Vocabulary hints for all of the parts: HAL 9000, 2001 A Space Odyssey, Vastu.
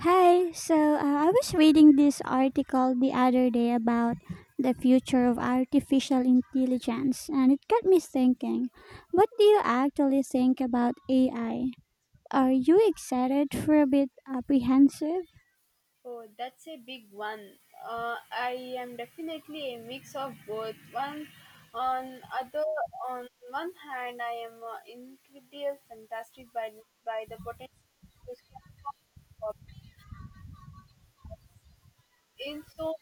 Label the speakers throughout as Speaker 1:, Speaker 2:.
Speaker 1: Hi, I was reading this article the other day about the future of artificial intelligence, and it got me thinking, what do you actually think about AI? Are you excited for a bit apprehensive?
Speaker 2: Oh, that's a big one. I am definitely a mix of both. One on other on one hand, I am incredibly fantastic by the potential to solve problems. In so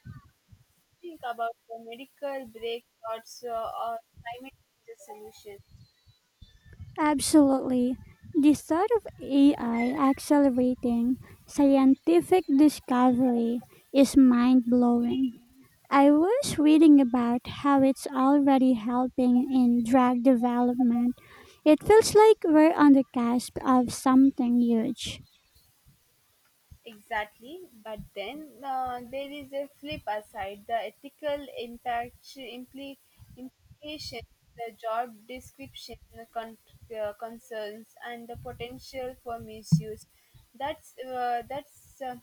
Speaker 2: Think about the medical breakthroughs or climate change solutions.
Speaker 1: Absolutely. The thought of AI accelerating scientific discovery is mind blowing. I was reading about how it's already helping in drug development. It feels like we're on the cusp of something huge.
Speaker 2: Exactly, but then there is a flip aside the ethical implications, the job description con- concerns, and the potential for misuse. That's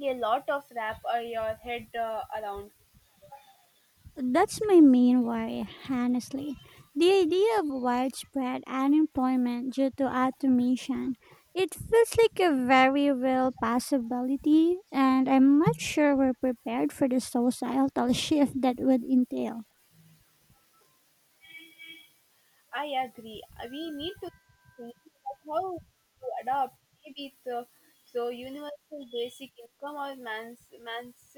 Speaker 2: a lot of wrap your head around.
Speaker 1: That's my main worry, honestly. The idea of widespread unemployment due to automation. It feels like a very real possibility, and I'm not sure we're prepared for the societal shift that would entail.
Speaker 2: I agree. We need to think about how to adopt maybe universal basic income or man's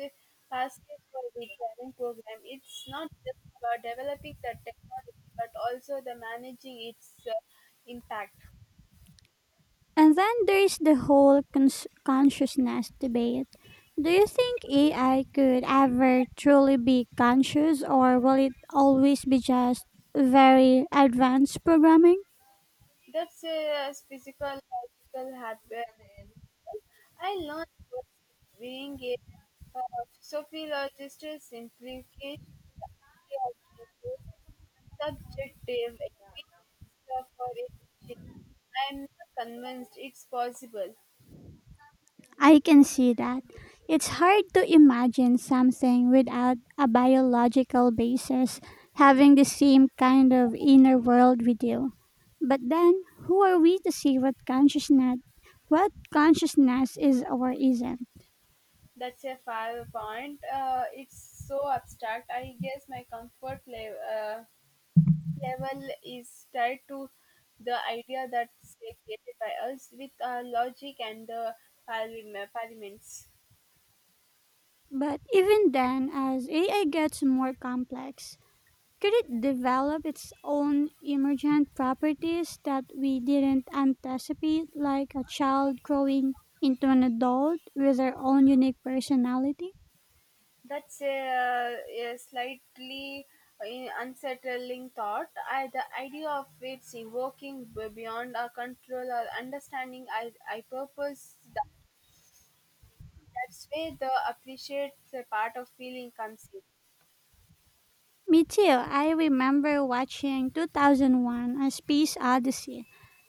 Speaker 2: passive for the current program. It's not just about developing the technology, but also the managing its impact.
Speaker 1: And then there's the whole consciousness debate. Do you think AI could ever truly be conscious, or will it always be just very advanced programming?
Speaker 2: That's a physical logical habit. I learned what being a uh, sociologist implications subjective experience for emotion. I'm not convinced it's possible.
Speaker 1: I can see that. It's hard to imagine something without a biological basis having the same kind of inner world we do. But then, who are we to see what consciousness is or isn't?
Speaker 2: That's a fair point. It's so abstract. I guess my comfort level is tied to the idea that's created by us with our logic and the parliaments.
Speaker 1: But even then, as AI gets more complex, could it develop its own emergent properties that we didn't anticipate, like a child growing into an adult with their own unique personality?
Speaker 2: That's a slightly unsettling thought. The idea of it evoking beyond our control or understanding, I purpose that's where the appreciate the part of feeling comes in.
Speaker 1: Me too. I remember watching 2001 A Space Odyssey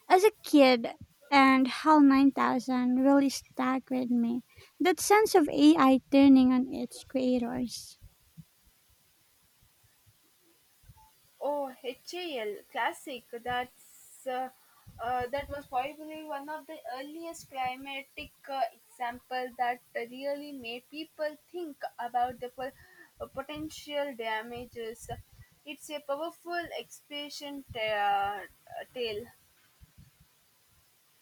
Speaker 1: as a kid and HAL 9000 really staggered me. That sense of AI turning on its creators.
Speaker 2: Oh, HAL classic. That's that was probably one of the earliest climatic example that really made people think about the potential damages. It's a powerful expression tale.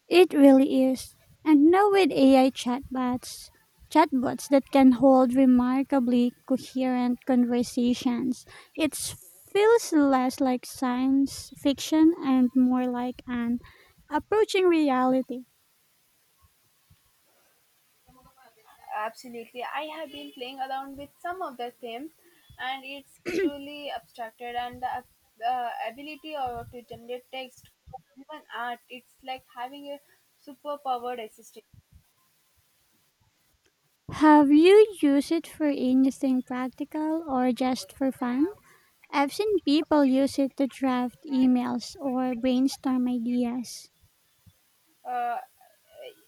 Speaker 1: It really is. And now with AI chatbots that can hold remarkably coherent conversations, it feels less like science fiction and more like an approaching reality.
Speaker 2: Absolutely. I have been playing around with some of the themes, and it's truly abstracted. The ability to generate text, even art, it's like having a superpowered assistant.
Speaker 1: Have you used it for anything practical or just for fun? I've seen people use it to draft emails or brainstorm ideas.
Speaker 2: uh,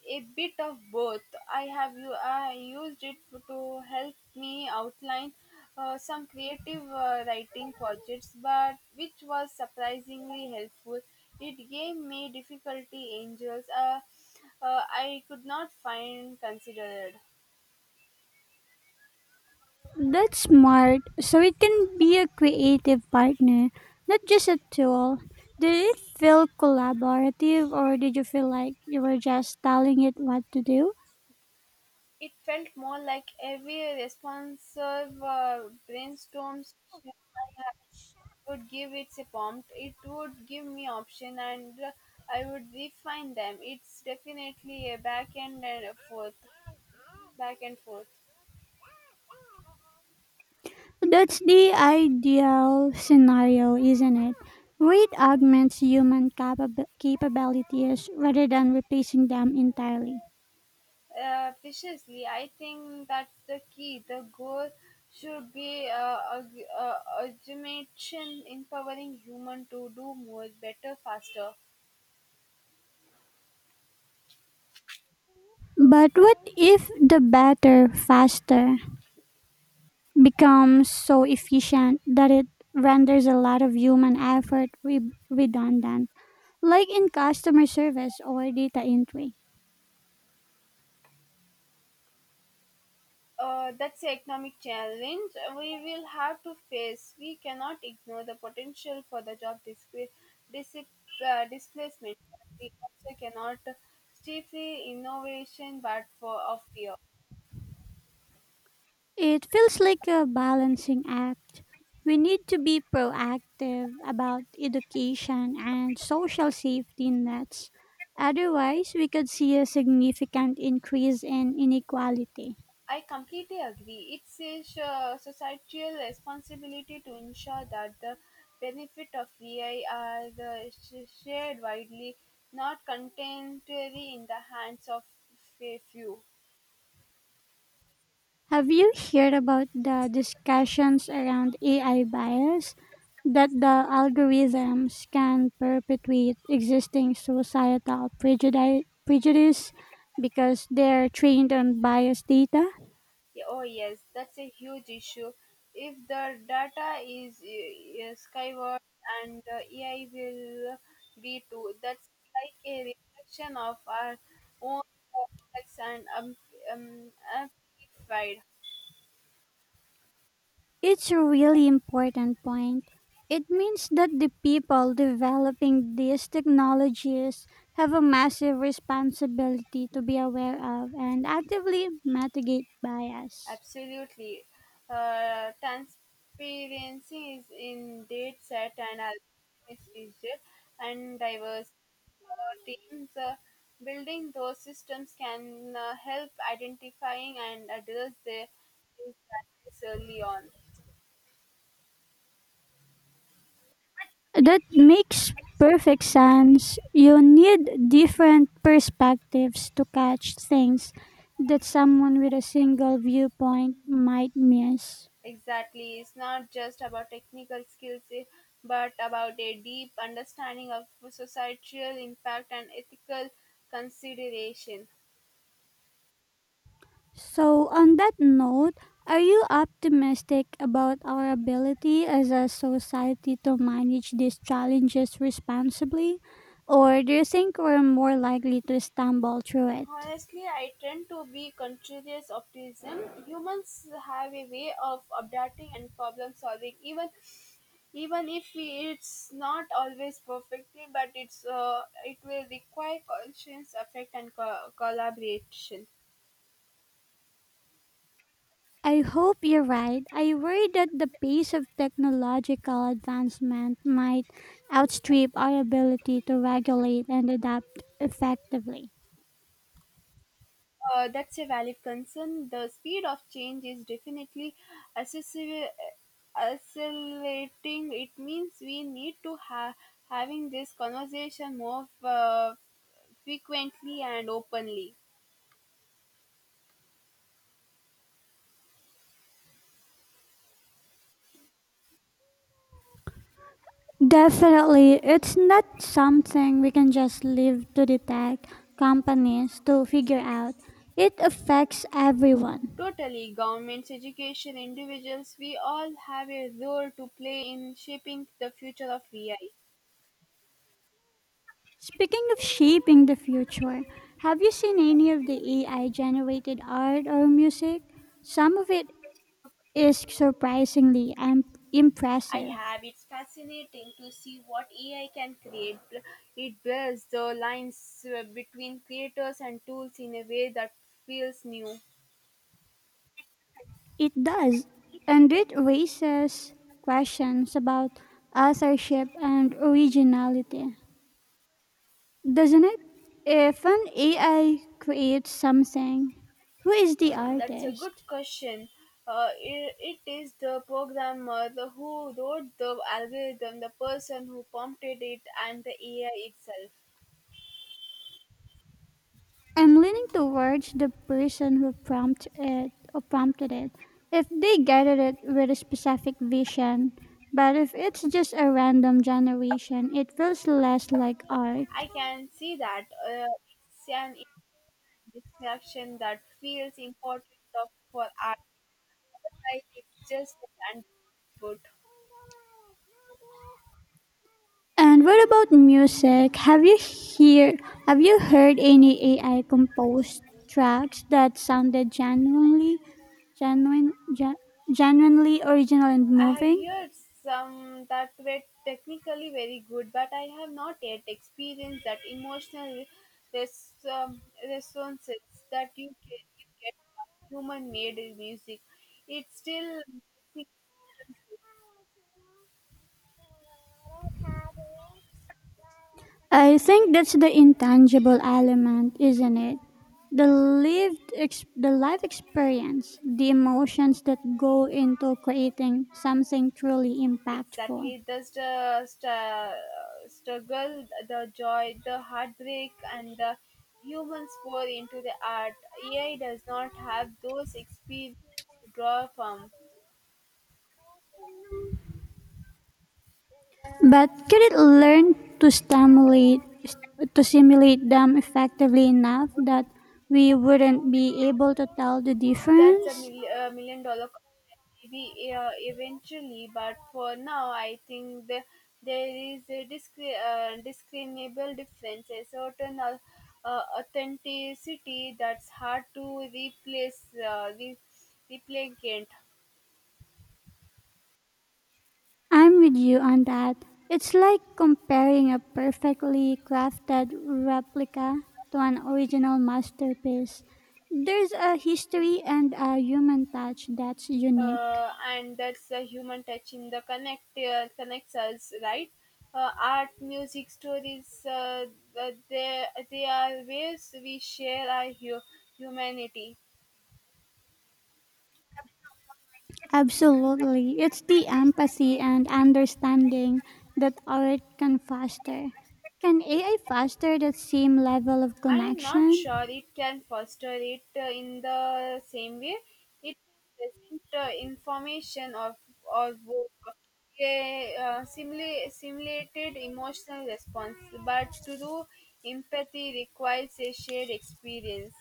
Speaker 2: a bit of both. I used it to help me outline some creative writing projects, but which was surprisingly helpful. It gave me difficulty angels I could not find considered.
Speaker 1: That's smart. So it can be a creative partner, not just a tool. Did it feel collaborative or did you feel like you were just telling it what to do?
Speaker 2: It felt more like every responsive brainstorm. Would give it a prompt, it would give me option, and I would refine them. It's definitely a back and forth.
Speaker 1: That's the ideal scenario, isn't it? Where it augments human capabilities rather than replacing them entirely.
Speaker 2: Preciously, I think that's the key. The goal should be automation empowering human to do more better faster.
Speaker 1: But what if the better, faster becomes so efficient that it renders a lot of human effort redundant, like in customer service or data entry?
Speaker 2: That's the economic challenge we will have to face. We cannot ignore the potential for the job disip, displacement. We also cannot stifle innovation, but for of fear.
Speaker 1: It feels like a balancing act. We need to be proactive about education and social safety nets. Otherwise, we could see a significant increase in inequality.
Speaker 2: I completely agree. It's a societal responsibility to ensure that the benefit of AI are the shared widely, not contemporary in the hands of a few.
Speaker 1: Have you heard about the discussions around AI bias? That the algorithms can perpetuate existing societal prejudice because they're trained on biased data?
Speaker 2: Yeah, Oh yes, that's a huge issue. If the data is skyward, and AI will be too. That's like a reflection of our own complex and amplified.
Speaker 1: It's a really important point. It means that the people developing these technologies have a massive responsibility to be aware of and actively mitigate bias.
Speaker 2: Absolutely, transparency is in data set and algorithm is rigid and diverse. Teams, building those systems can help identifying and address these challenges early on.
Speaker 1: That makes perfect sense. You need different perspectives to catch things that someone with a single viewpoint might miss.
Speaker 2: Exactly, it's not just about technical skills, but about a deep understanding of societal impact and ethical consideration.
Speaker 1: So, on that note, are you optimistic about our ability as a society to manage these challenges responsibly? Or do you think we're more likely to stumble through it?
Speaker 2: Honestly, I tend to be conscious optimism. Humans have a way of adapting and problem solving, even if it's not always perfectly, but it's it will require conscious effort and collaboration.
Speaker 1: I hope you're right. I worry that the pace of technological advancement might outstrip our ability to regulate and adapt effectively.
Speaker 2: That's a valid concern. The speed of change is definitely accessi- accelerating. It means we need to have having this conversation more frequently and openly.
Speaker 1: Definitely, it's not something we can just leave to the tech companies to figure out. It affects everyone.
Speaker 2: Totally, governments, education, individuals, we all have a role to play in shaping the future of VI.
Speaker 1: Speaking of shaping the future, have you seen any of the AI generated art or music? Some of it is surprisingly
Speaker 2: I
Speaker 1: impressive.
Speaker 2: have. It's fascinating to see what AI can create. It blurs the lines between creators and tools in a way that feels new.
Speaker 1: It does, and it raises questions about authorship and originality, doesn't it? If an AI creates something, who is the
Speaker 2: That's a good
Speaker 1: artist?
Speaker 2: question. It is the programmer, who wrote the algorithm, the person who prompted it, and the AI itself.
Speaker 1: I'm leaning towards the person who prompted it. If they guided it with a specific vision, but if it's just a random generation, it feels less like art.
Speaker 2: I can see that it's an distraction that feels important for art, but it's just an underfoot.
Speaker 1: And what about music? Have you heard any AI composed tracks that sounded genuine gen, genuinely original and
Speaker 2: I have
Speaker 1: moving?
Speaker 2: heard some that were technically very good, but I have not yet experienced that emotional res- um, resonances that you get from human-made music. It's still
Speaker 1: I think that's the intangible element, isn't it? The life experience, the emotions that go into creating something truly impactful.
Speaker 2: exactly the struggle, the joy, the heartbreak, and the humans pour into the art. AI does not have those experiences to draw from.
Speaker 1: But could it learn to stimulate to simulate them effectively enough that we wouldn't be able to tell the
Speaker 2: That's a
Speaker 1: difference?
Speaker 2: million-dollar question, maybe eventually, but for now I think there is a discriminable difference, a certain authenticity that's hard to replace replicant.
Speaker 1: I'm with you on that. It's like comparing a perfectly crafted replica to an original masterpiece. There's a history and a human touch that's unique.
Speaker 2: And that's the human touch in the connects us, right? Art, music, stories, uh, they, they are ways we share our humanity.
Speaker 1: Absolutely. It's the empathy and understanding that art can foster. Can AI foster that same level of
Speaker 2: I am not sure
Speaker 1: connection?
Speaker 2: it can foster it in the same way. It doesn't information of or book a simulated emotional response, but to do empathy requires a shared experience.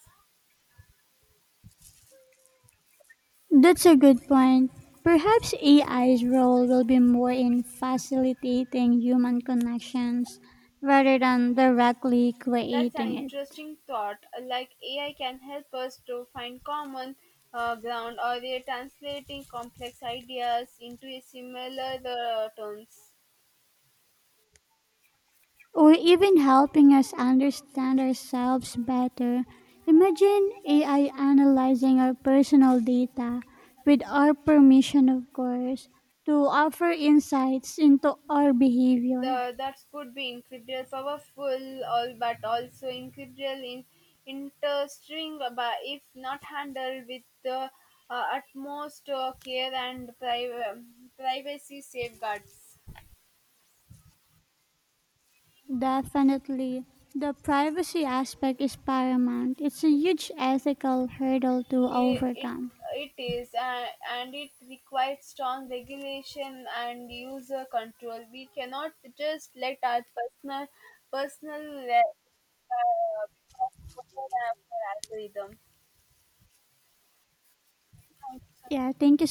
Speaker 1: That's a good point. Perhaps AI's role will be more in facilitating human connections rather than directly
Speaker 2: That's an
Speaker 1: creating it.
Speaker 2: interesting thought. Like AI can help us to find common ground, or they're translating complex ideas into a similar terms.
Speaker 1: Or even helping us understand ourselves better. Imagine AI analyzing our personal data, with our permission, of course, to offer insights into our behavior.
Speaker 2: The That could be incredible powerful all, but also incredible in interesting but if not handled with the utmost care and privacy safeguards.
Speaker 1: Definitely, the privacy aspect is paramount. It's a huge ethical hurdle to
Speaker 2: it it,
Speaker 1: overcome.
Speaker 2: it is, and it requires strong regulation and user control. We cannot just let our personal become coded as an
Speaker 1: Yeah, thank you